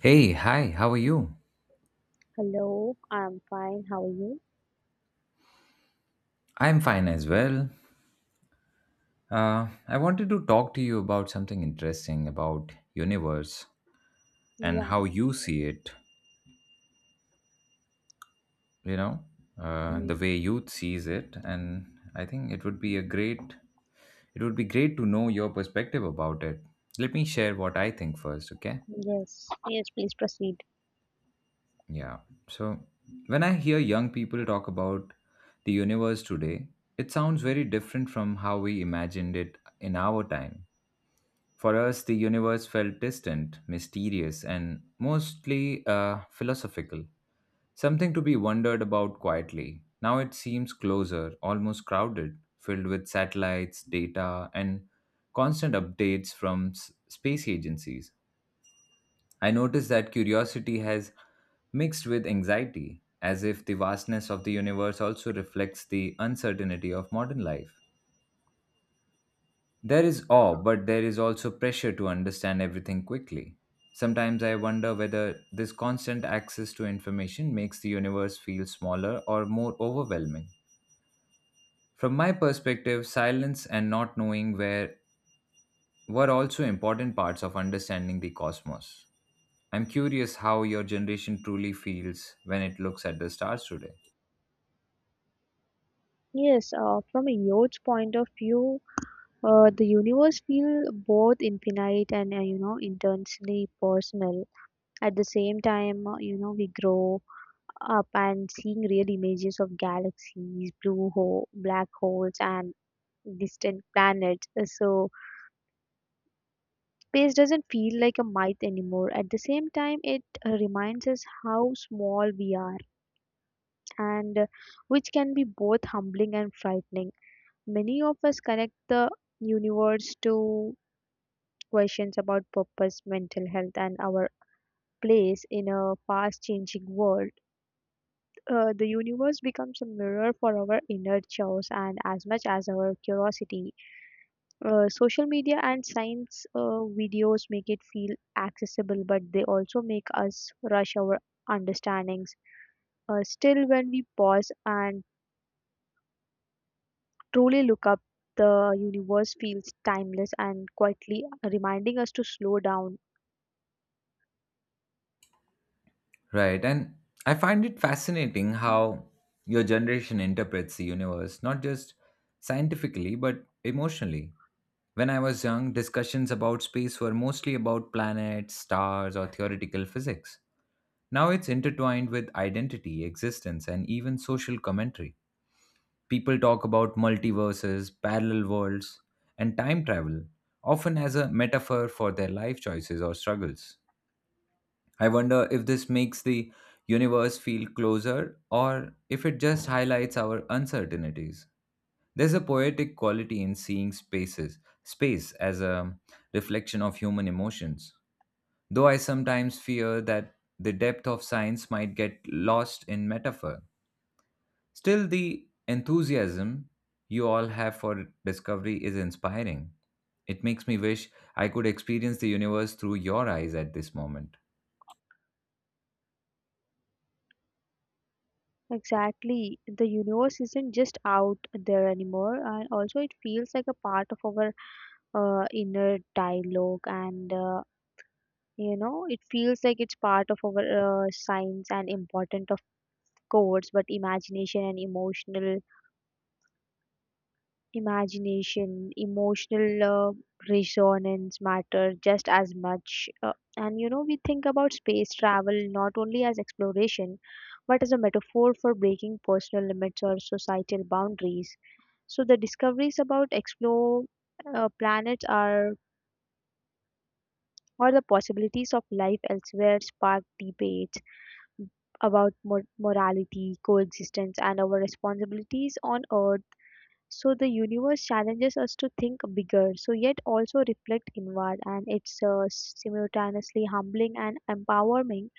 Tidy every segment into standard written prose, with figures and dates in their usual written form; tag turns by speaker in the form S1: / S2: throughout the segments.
S1: Hey, hi, how are you?
S2: Hello, I'm fine. How are you?
S1: I'm fine as well. I wanted to talk to you about something interesting about universe and
S2: Yeah,
S1: how you see it, you know,
S2: mm,
S1: the way youth sees it. And I think it would be a great, it would be great to know your perspective about it. Let me share what I think first, okay?
S2: yes, yes, please proceed.
S1: Yeah. So when I hear young people talk about the universe today, it sounds very different from how we imagined it in our time. For us, the universe felt distant, mysterious, and mostly philosophical, something to be wondered about quietly. Now it seems closer, almost crowded, filled with satellites, data, and constant updates from space agencies. I notice that curiosity has mixed with anxiety, as if the vastness of the universe also reflects the uncertainty of modern life. There is awe, but there is also pressure to understand everything quickly. Sometimes I wonder whether this constant access to information makes the universe feel smaller or more overwhelming. From my perspective, silence and not knowing where were also important parts of understanding the cosmos. I'm curious how your generation truly feels when it looks at the stars today.
S2: Yes, from a Yoge's point of view, the universe feels both infinite and, intensely personal. At the same time, we grow up and seeing real images of galaxies, blue hole, black holes, and distant planets. So space doesn't feel like a myth anymore. At the same time, it reminds us how small we are and which can be both humbling and frightening. Many of us connect the universe to questions about purpose, mental health, and our place in a fast changing world. The universe becomes a mirror for our inner chaos and as much as our curiosity. Social media and science videos make it feel accessible, but they also make us rush our understandings. Still, when we pause and truly look up, the universe feels timeless and quietly reminding us to slow down.
S1: Right. And I find it fascinating how your generation interprets the universe, not just scientifically, but emotionally. When I was young, discussions about space were mostly about planets, stars, or theoretical physics. Now it's intertwined with identity, existence, and even social commentary. People talk about multiverses, parallel worlds, and time travel, often as a metaphor for their life choices or struggles. I wonder if this makes the universe feel closer or if it just highlights our uncertainties. There's a poetic quality in seeing spaces, space as a reflection of human emotions. Though I sometimes fear that the depth of science might get lost in metaphor. Still, the enthusiasm you all have for discovery is inspiring. It makes me wish I could experience the universe through your eyes at this moment.
S2: Exactly. The universe isn't just out there anymore, and also it feels like a part of our inner dialogue, and it feels like it's part of our science and important, of course, but imagination and emotional imagination, emotional uh, resonance matter just as much. We think about space travel not only as exploration, but as a metaphor for breaking personal limits or societal boundaries. So the discoveries about explore planets are or the possibilities of life elsewhere spark debates about morality, coexistence, and our responsibilities on Earth, so the universe challenges us to think bigger, so yet also reflect inward, and it's simultaneously humbling and empowering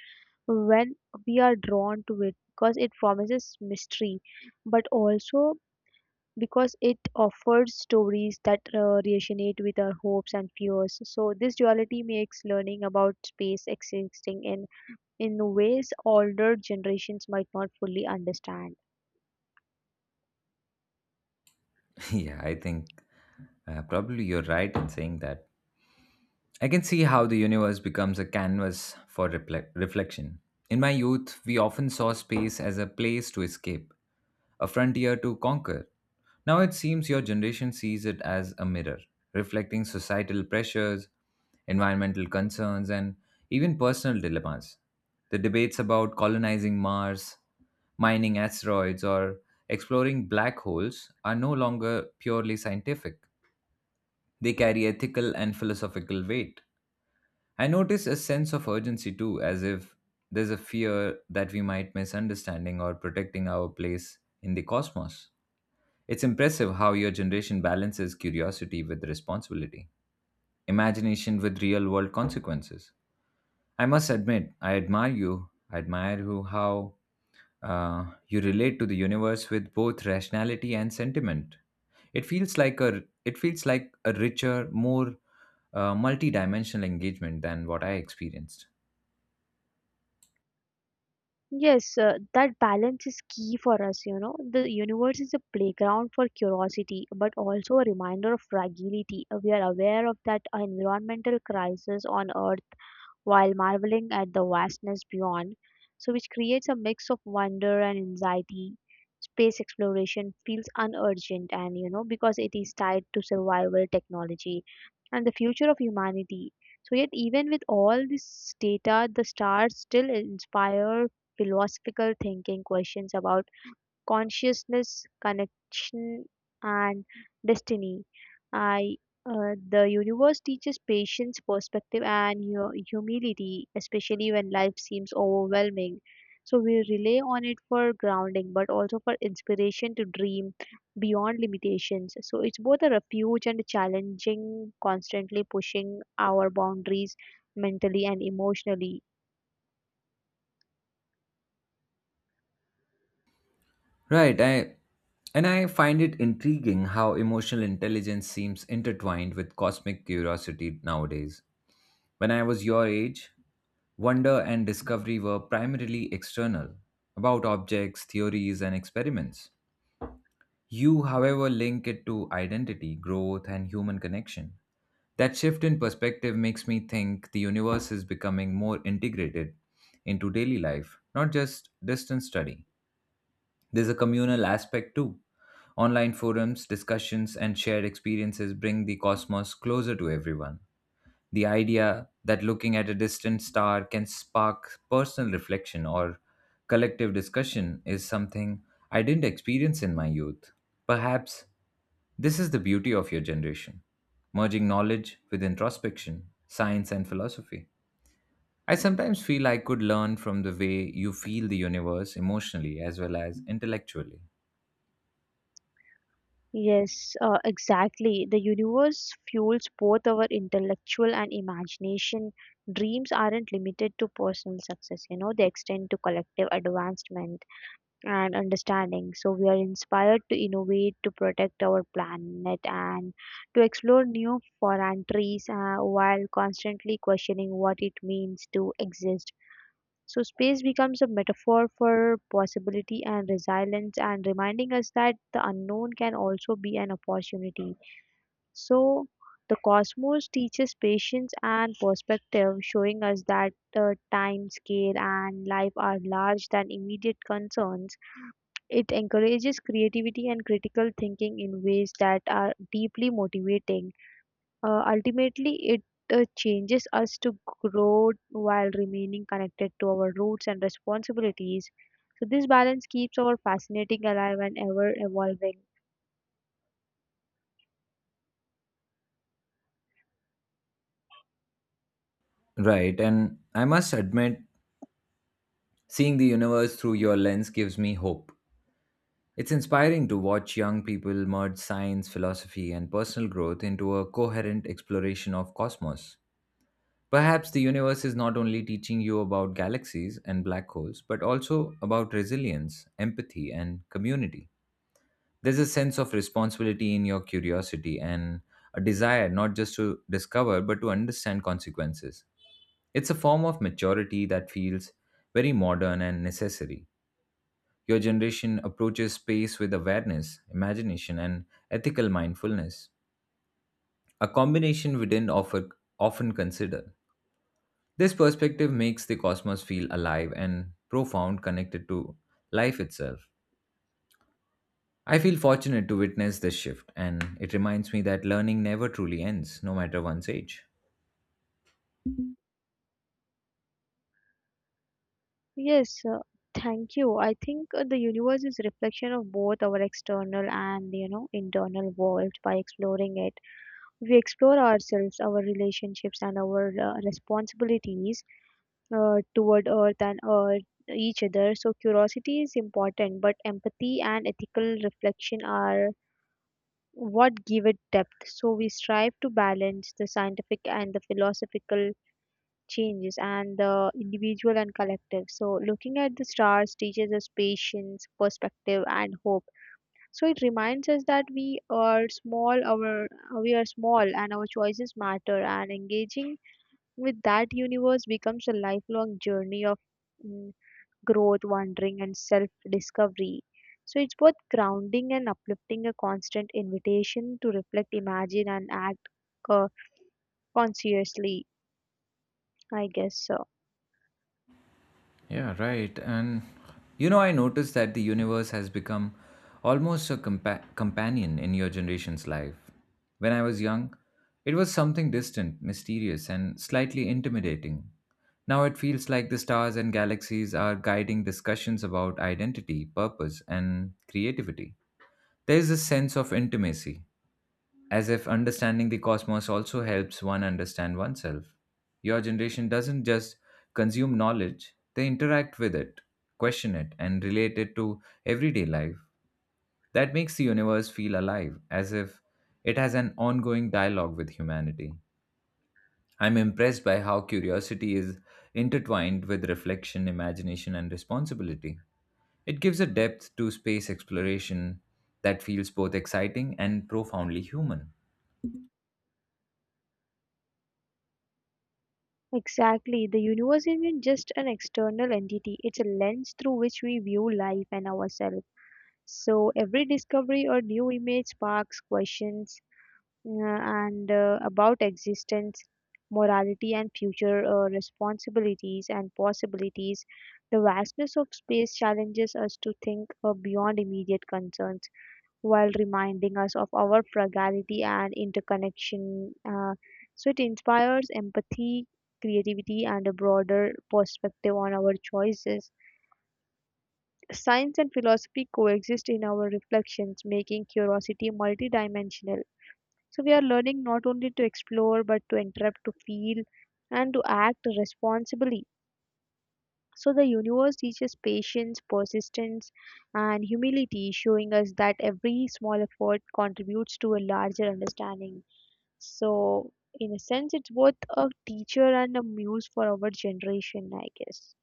S2: when we are drawn to it because it promises mystery, but also because it offers stories that resonate with our hopes and fears. So this duality makes learning about space existing in ways older generations might not fully understand.
S1: Yeah, I think probably you're right in saying that. I can see how the universe becomes a canvas for reflection. In my youth, we often saw space as a place to escape a frontier to conquer. Now it seems your generation sees it as a mirror, reflecting societal pressures, environmental concerns, and even personal dilemmas. The debates about colonizing Mars, mining asteroids, or exploring black holes are no longer purely scientific. They carry ethical and philosophical weight. I notice a sense of urgency too, as if there's a fear that we might misunderstanding or protecting our place in the cosmos. It's impressive how your generation balances curiosity with responsibility, imagination with real world consequences. I must admit, I admire you. I admire who, how you relate to the universe with both rationality and sentiment. It feels like a richer, more multi-dimensional engagement than what I experienced.
S2: Yes, that balance is key for us, you know. The universe is a playground for curiosity, but also a reminder of fragility. We are aware of that environmental crisis on Earth while marveling at the vastness beyond. So, which creates a mix of wonder and anxiety. Space exploration feels unurgent, and you know, because it is tied to survival technology and the future of humanity. So, yet, even with all this data, the stars still inspire philosophical thinking questions about consciousness, connection, and destiny. I, the universe teaches patience, perspective, and humility, especially when life seems overwhelming. So we rely on it for grounding, but also for inspiration to dream beyond limitations. So it's both a refuge and a challenging, constantly pushing our boundaries mentally and emotionally.
S1: Right, I And I find it intriguing how emotional intelligence seems intertwined with cosmic curiosity nowadays. When I was your age, wonder and discovery were primarily external, about objects, theories, and experiments. You, however, link it to identity, growth, and human connection. That shift in perspective makes me think the universe is becoming more integrated into daily life, not just distance study. There's a communal aspect too. Online forums, discussions, and shared experiences bring the cosmos closer to everyone. The idea that looking at a distant star can spark personal reflection or collective discussion is something I didn't experience in my youth. Perhaps this is the beauty of your generation, merging knowledge with introspection, science, and philosophy. I sometimes feel I could learn from the way you feel the universe emotionally as well as intellectually.
S2: Yes, exactly. The universe fuels both our intellectual and imagination. Dreams aren't limited to personal success, you know, they extend to collective advancement and understanding. So we are inspired to innovate, to protect our planet, and to explore new frontiers while constantly questioning what it means to exist. So, space becomes a metaphor for possibility and resilience, and reminding us that the unknown can also be an opportunity. So, the cosmos teaches patience and perspective, showing us that the time scale and life are larger than immediate concerns. It encourages creativity and critical thinking in ways that are deeply motivating. Ultimately, it changes us to grow while remaining connected to our roots and responsibilities. So, this balance keeps our fascinating alive and ever evolving.
S1: Right, and I must admit, seeing the universe through your lens gives me hope. It's inspiring to watch young people merge science, philosophy, and personal growth into a coherent exploration of cosmos. Perhaps the universe is not only teaching you about galaxies and black holes, but also about resilience, empathy, and community. There's a sense of responsibility in your curiosity and a desire not just to discover, but to understand consequences. It's a form of maturity that feels very modern and necessary. Your generation approaches space with awareness, imagination, and ethical mindfulness, a combination we didn't offer, often consider. This perspective makes the cosmos feel alive and profound, connected to life itself. I feel fortunate to witness this shift, and it reminds me that learning never truly ends, no matter one's age.
S2: Yes, thank you. I think the universe is reflection of both our external and you know internal world. By exploring it, we explore ourselves, our relationships, and our responsibilities toward Earth and Earth each other. So curiosity is important, but empathy and ethical reflection are what give it depth. So we strive to balance the scientific and the philosophical changes and the individual and collective. So looking at the stars teaches us patience, perspective, and hope. So it reminds us that we are small, and our choices matter. And engaging with that universe becomes a lifelong journey of mm, growth, wandering, and self discovery. So it's both grounding and uplifting, a constant invitation to reflect, imagine, and act co- consciously, I guess so.
S1: Yeah, right. And you know, I noticed that the universe has become almost a companion in your generation's life. When I was young, it was something distant, mysterious, and slightly intimidating. Now it feels like the stars and galaxies are guiding discussions about identity, purpose, and creativity. There is a sense of intimacy, as if understanding the cosmos also helps one understand oneself. Your generation doesn't just consume knowledge, they interact with it, question it, and relate it to everyday life. That makes the universe feel alive, as if it has an ongoing dialogue with humanity. I'm impressed by how curiosity is intertwined with reflection, imagination, and responsibility. It gives a depth to space exploration that feels both exciting and profoundly human.
S2: Exactly. The universe isn't just an external entity, it's a lens through which we view life and ourselves. So every discovery or new image sparks questions and about existence, morality, and future responsibilities and possibilities. The vastness of space challenges us to think beyond immediate concerns while reminding us of our fragility and interconnection. So it inspires empathy, creativity, and a broader perspective on our choices. Science and philosophy coexist in our reflections, making curiosity multidimensional, so we are learning not only to explore, but to interrupt, to feel, and to act responsibly. So the universe teaches patience, persistence, and humility, showing us that every small effort contributes to a larger understanding. So, in a sense, it's both a teacher and a muse for our generation, I guess.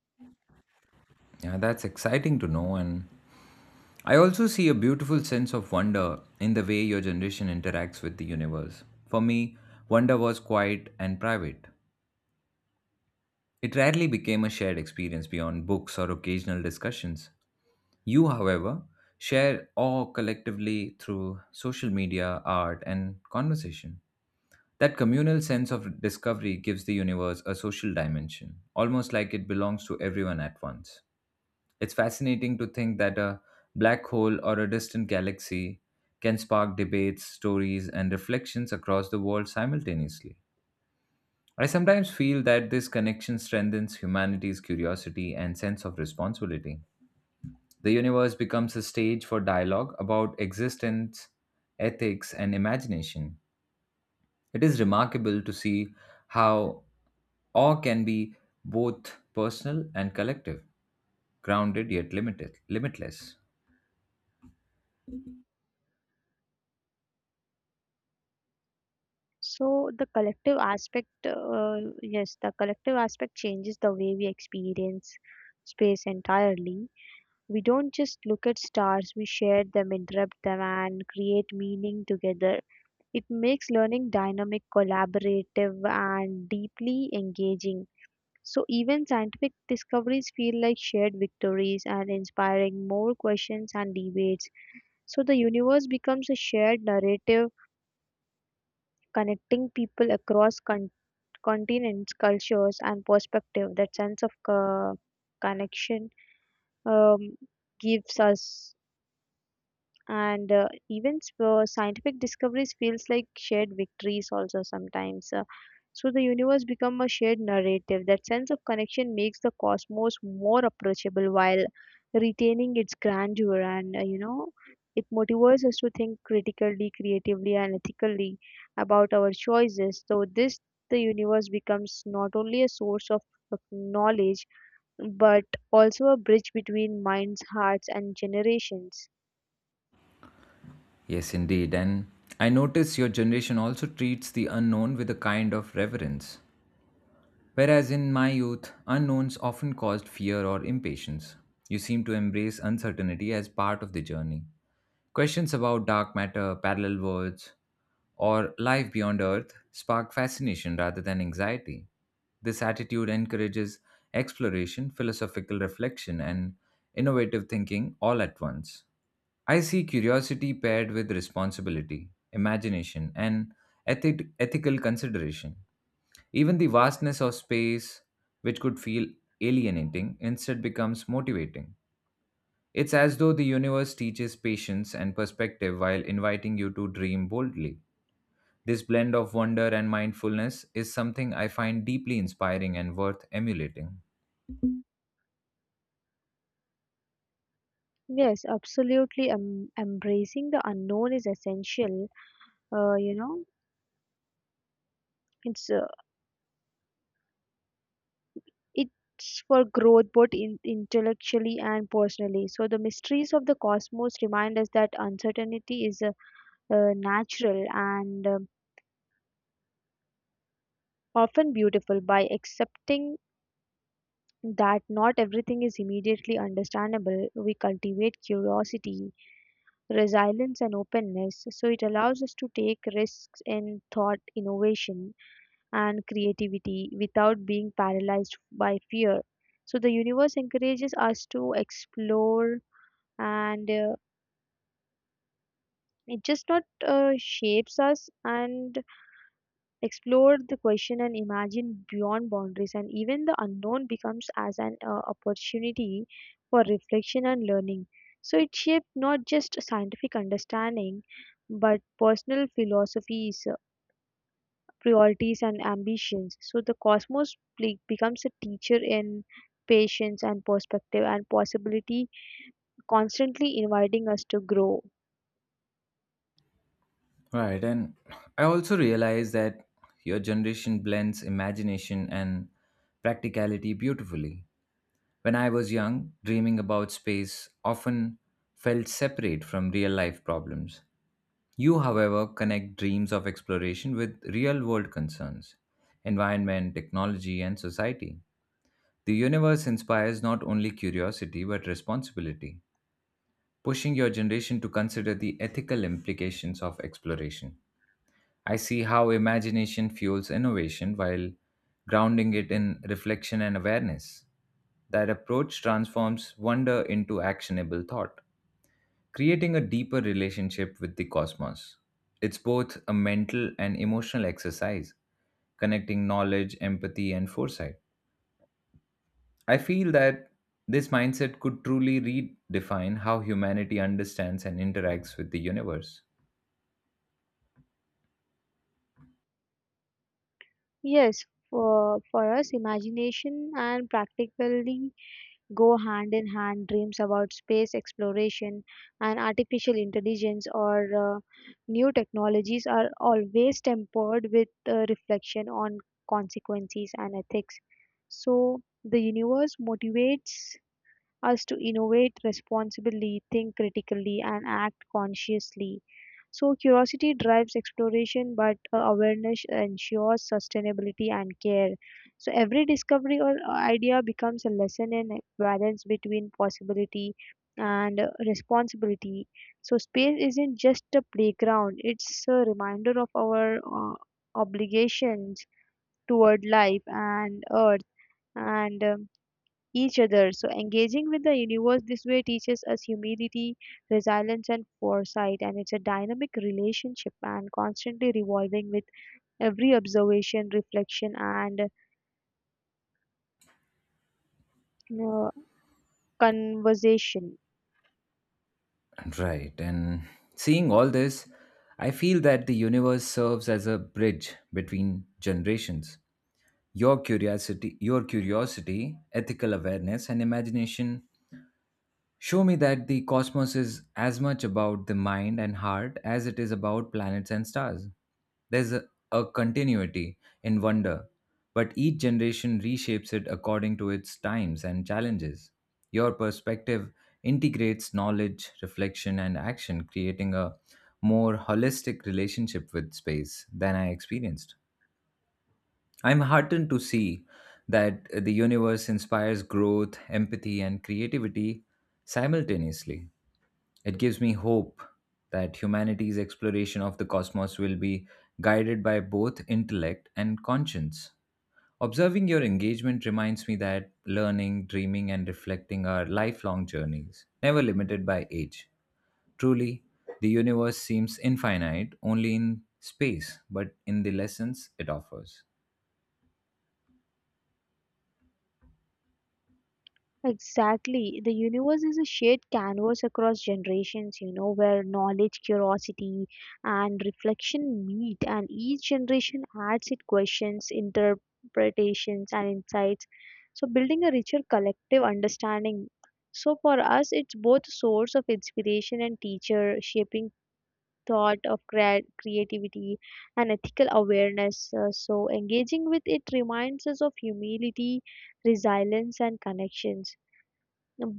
S1: Yeah, that's exciting to know. And I also see a beautiful sense of wonder in the way your generation interacts with the universe. For me, wonder was quiet and private. It rarely became a shared experience beyond books or occasional discussions. You, however, share awe collectively through social media, art, and conversation. That communal sense of discovery gives the universe a social dimension, almost like it belongs to everyone at once. It's fascinating to think that a black hole or a distant galaxy can spark debates, stories, and reflections across the world simultaneously. I sometimes feel that this connection strengthens humanity's curiosity and sense of responsibility. The universe becomes a stage for dialogue about existence, ethics, and imagination. It is remarkable to see how awe can be both personal and collective, grounded yet limited, limitless.
S2: So the collective aspect, yes, the collective aspect changes the way we experience space entirely. We don't just look at stars, we share them, interrupt them, and create meaning together. It makes learning dynamic, collaborative, and deeply engaging. So, even scientific discoveries feel like shared victories and inspiring more questions and debates. So, the universe becomes a shared narrative connecting people across continents, cultures, and perspective. That sense of connection um, gives us and events where scientific discoveries feels like shared victories also sometimes so the universe become a shared narrative, that sense of connection makes the cosmos more approachable while retaining its grandeur, and, it motivates us to think critically, creatively, and ethically about our choices, so this the universe becomes not only a source of knowledge but also a bridge between minds, hearts, and generations.
S1: Yes, indeed. And I notice your generation also treats the unknown with a kind of reverence. Whereas in my youth, unknowns often caused fear or impatience. You seem to embrace uncertainty as part of the journey. Questions about dark matter, parallel worlds, or life beyond Earth spark fascination rather than anxiety. This attitude encourages exploration, philosophical reflection, and innovative thinking all at once. I see curiosity paired with responsibility, imagination, and ethical consideration. Even the vastness of space, which could feel alienating, instead becomes motivating. It's as though the universe teaches patience and perspective while inviting you to dream boldly. This blend of wonder and mindfulness is something I find deeply inspiring and worth emulating.
S2: Yes, absolutely. Embracing the unknown is essential. Uh, you know, it's uh, it's for growth both in, intellectually and personally. So the mysteries of the cosmos remind us that uncertainty is natural and often beautiful. By accepting that not everything is immediately understandable, we cultivate curiosity, resilience, and openness. So it allows us to take risks in thought innovation and creativity without being paralyzed by fear. So the universe encourages us to explore and it just not shapes us and explore the question and imagine beyond boundaries, and even the unknown becomes as an opportunity for reflection and learning, so it shaped not just scientific understanding but personal philosophies, priorities, and ambitions. So the cosmos becomes a teacher in patience and perspective and possibility, constantly inviting us to grow.
S1: Right, and I also realize that your generation blends imagination and practicality beautifully. When I was young, dreaming about space often felt separate from real life problems. You, however, connect dreams of exploration with real world concerns environment, technology, and society. The universe inspires not only curiosity but responsibility, pushing your generation to consider the ethical implications of exploration. I see how imagination fuels innovation while grounding it in reflection and awareness. That approach transforms wonder into actionable thought creating a deeper relationship with the cosmos. It's both a mental and emotional exercise, connecting knowledge, empathy, and foresight. I feel that this mindset could truly redefine how humanity understands and interacts with the universe.
S2: Yes, for us, imagination and practically go hand in hand. Dreams about space exploration and artificial intelligence or new technologies are always tempered with reflection on consequences and ethics. So the universe motivates us to innovate responsibly, think critically, and act consciously. So, curiosity drives exploration, but awareness ensures sustainability and care. So, every discovery or idea becomes a lesson in balance between possibility and responsibility. So, space isn't just a playground, it's a reminder of our obligations toward life and earth. And each other. So engaging with the universe this way teaches us humility, resilience, and foresight. And it's a dynamic relationship and constantly revolving with every observation, reflection, and uh, conversation.
S1: Right, and seeing all this, I feel that the universe serves as a bridge between generations. Your curiosity, ethical awareness, and imagination show me that the cosmos is as much about the mind and heart as it is about planets and stars. There's a, a continuity in wonder, but each generation reshapes it according to its times and challenges. Your perspective integrates knowledge, reflection, and action, creating a more holistic relationship with space than I experienced. I'm heartened to see that the universe inspires growth, empathy, and creativity simultaneously. It gives me hope that humanity's exploration of the cosmos will be guided by both intellect and conscience. Observing your engagement reminds me that learning, dreaming, and reflecting are lifelong journeys, never limited by age. Truly, the universe seems infinite only in space, but in the lessons it offers.
S2: Exactly. The universe is a shared canvas across generations, you know, where knowledge, curiosity, and reflection meet, and each generation adds its questions, interpretations, and insights. So, building a richer collective understanding. So, for us, it's both source of inspiration and teacher, shaping thought of creativity and ethical awareness. So engaging with it reminds us of humility, resilience, and connections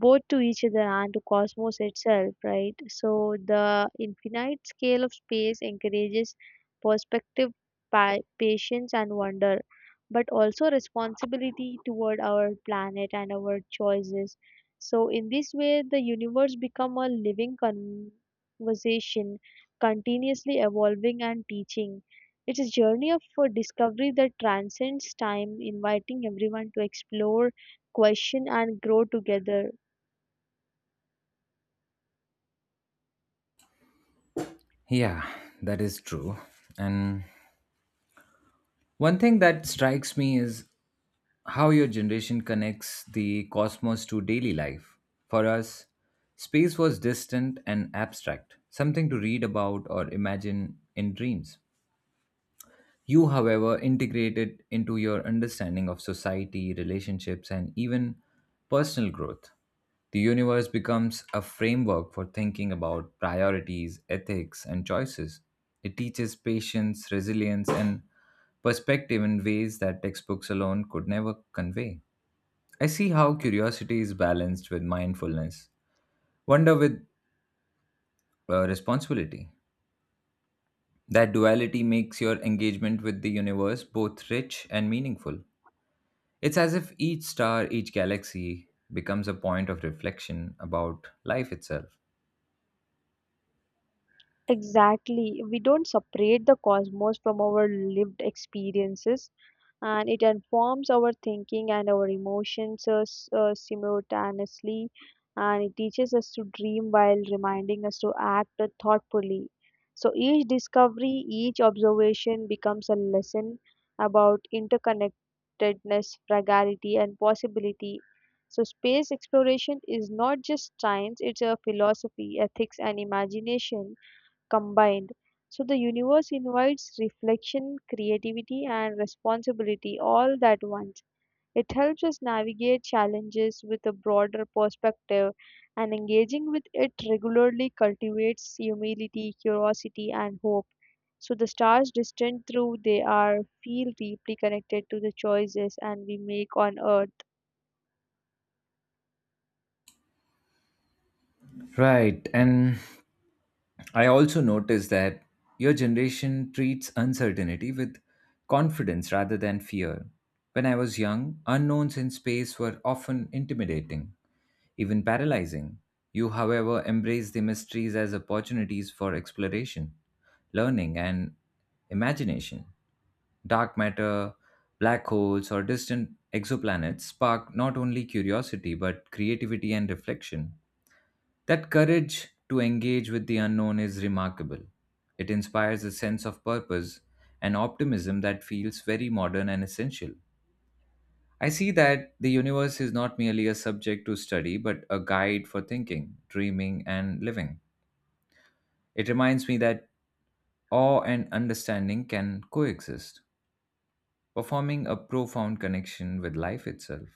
S2: both to each other and to cosmos itself, right? So the infinite scale of space encourages perspective, patience, and wonder, but also responsibility toward our planet and our choices. So in this way, the universe become a living conversation, continuously evolving and teaching. It's a journey of discovery that transcends time, inviting everyone to explore, question, and grow together.
S1: Yeah, that is true. And one thing that strikes me is how your generation connects the cosmos to daily life. For us, space was distant and abstract, something to read about or imagine in dreams. You, however, integrate it into your understanding of society, relationships, and even personal growth. The universe becomes a framework for thinking about priorities, ethics, and choices. It teaches patience, resilience, and perspective in ways that textbooks alone could never convey. I see how curiosity is balanced with mindfulness, wonder with responsibility. That duality makes your engagement with the universe both rich and meaningful. It's as if each star, each galaxy becomes a point of reflection about life itself.
S2: Exactly. We don't separate the cosmos from our lived experiences, and it informs our thinking and our emotions simultaneously. And it teaches us to dream while reminding us to act thoughtfully. So each discovery, each observation becomes a lesson about interconnectedness, fragility, and possibility. So, space exploration is not just science, it's a philosophy, ethics, and imagination combined. So the universe invites reflection, creativity, and responsibility all at once. It helps us navigate challenges with a broader perspective, and engaging with it regularly cultivates humility, curiosity, and hope. So the stars distant through they are feel deeply connected to the choices and we make on earth.
S1: Right. And I also noticed that your generation treats uncertainty with confidence rather than fear. When I was young, unknowns in space were often intimidating, even paralyzing. You, however, embrace the mysteries as opportunities for exploration, learning, and imagination. Dark matter, black holes, or distant exoplanets spark not only curiosity but creativity and reflection. That courage to engage with the unknown is remarkable. It inspires a sense of purpose and optimism that feels very modern and essential. I see that the universe is not merely a subject to study, but a guide for thinking, dreaming, and living. It reminds me that awe and understanding can coexist, performing a profound connection with life itself.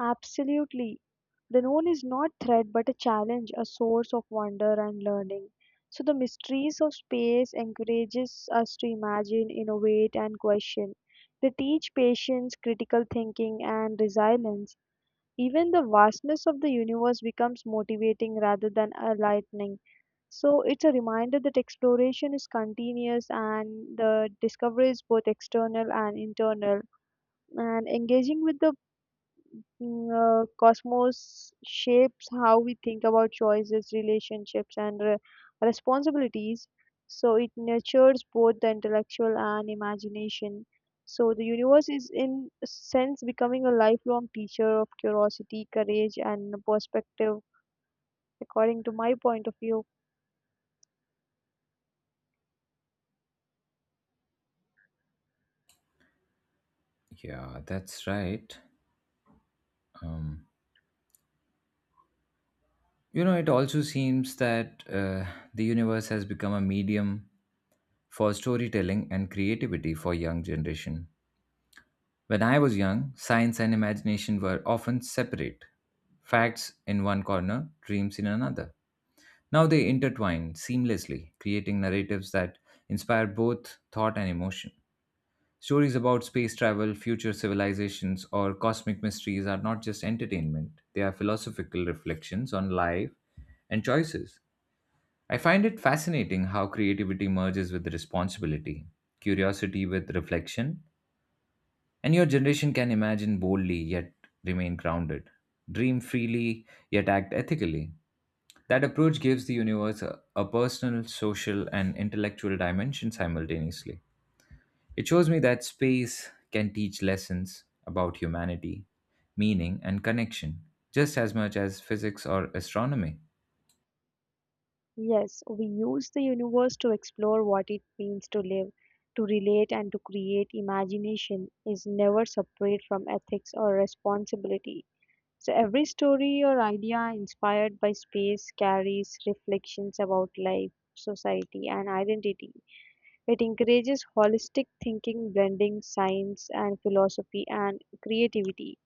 S2: Absolutely. The known is not threat but a challenge, a source of wonder and learning. So the mysteries of space encourages us to imagine, innovate and question. They teach patience, critical thinking and resilience. Even the vastness of the universe becomes motivating rather than enlightening. So it's a reminder that exploration is continuous and the discovery is both external and internal, and engaging with the cosmos shapes how we think about choices, relationships, and responsibilities. So it nurtures both the intellectual and imagination. So the universe is, in a sense, becoming a lifelong teacher of curiosity, courage, and perspective, according to my point of view.
S1: Yeah, that's right. Um, you know, it also seems that the universe has become a medium for storytelling and creativity for young generation. When I was young, science and imagination were often separate facts in one corner, dreams in another. Now they intertwine seamlessly, creating narratives that inspire both thought and emotion. Stories about space travel, future civilizations, or cosmic mysteries are not just entertainment, they are philosophical reflections on life and choices. I find it fascinating how creativity merges with responsibility, curiosity with reflection, and your generation can imagine boldly yet remain grounded, dream freely yet act ethically. That approach gives the universe a personal, social, and intellectual dimension simultaneously. It shows me that space can teach lessons about humanity, meaning, and connection, just as much as physics or astronomy.
S2: Yes, we use the universe to explore what it means to live, to relate, and to create. Imagination is never separate from ethics or responsibility. So every story or idea inspired by space carries reflections about life, society, and identity. It encourages holistic thinking, blending science and philosophy and creativity.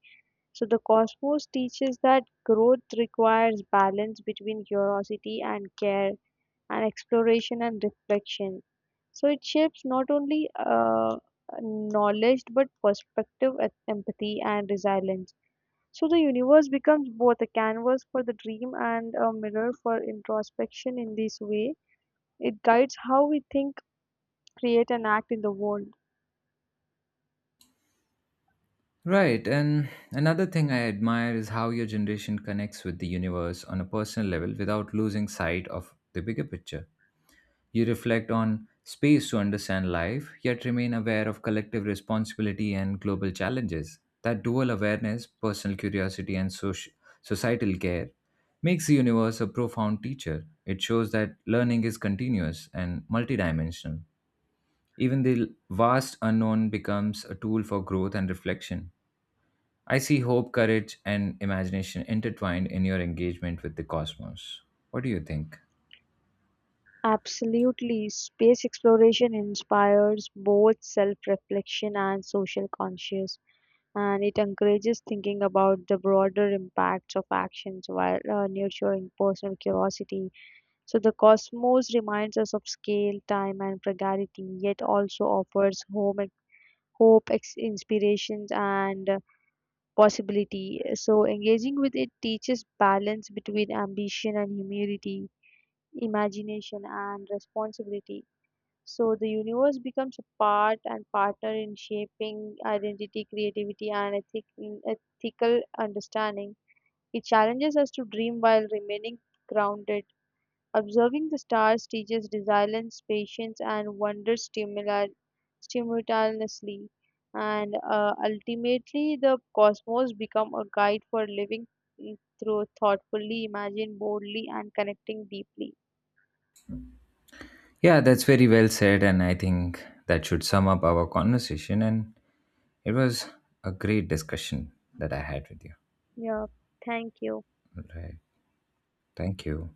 S2: So the cosmos teaches that growth requires balance between curiosity and care, and exploration and reflection. So it shapes not only knowledge but perspective, empathy, and resilience. So the universe becomes both a canvas for the dream and a mirror for introspection in this way. It guides how we think, create, and act in the world.
S1: Right, and another thing I admire is how your generation connects with the universe on a personal level without losing sight of the bigger picture. You reflect on space to understand life, yet remain aware of collective responsibility and global challenges. That dual awareness, personal curiosity, and societal care, makes the universe a profound teacher. It shows that learning is continuous and multidimensional. Even the vast unknown becomes a tool for growth and reflection. I see hope, courage, and imagination intertwined in your engagement with the cosmos. What do you think?
S2: Absolutely, space exploration inspires both self reflection and social conscious, and it encourages thinking about the broader impacts of actions while nurturing personal curiosity. So, the cosmos reminds us of scale, time, and fragility, yet also offers home hope, inspirations, and possibility. So, engaging with it teaches balance between ambition and humility, imagination and responsibility. So, the universe becomes a part and partner in shaping identity, creativity, and ethical understanding. It challenges us to dream while remaining grounded. Observing the stars teaches resilience, patience, and wonder simultaneously. And ultimately, the cosmos become a guide for living mm, through thoughtfully, imagine boldly, and connecting deeply.
S1: Yeah, that's very well said. And I think that should sum up our conversation. And it was a great discussion that I had with you.
S2: Yeah, thank you.
S1: All right. Thank you.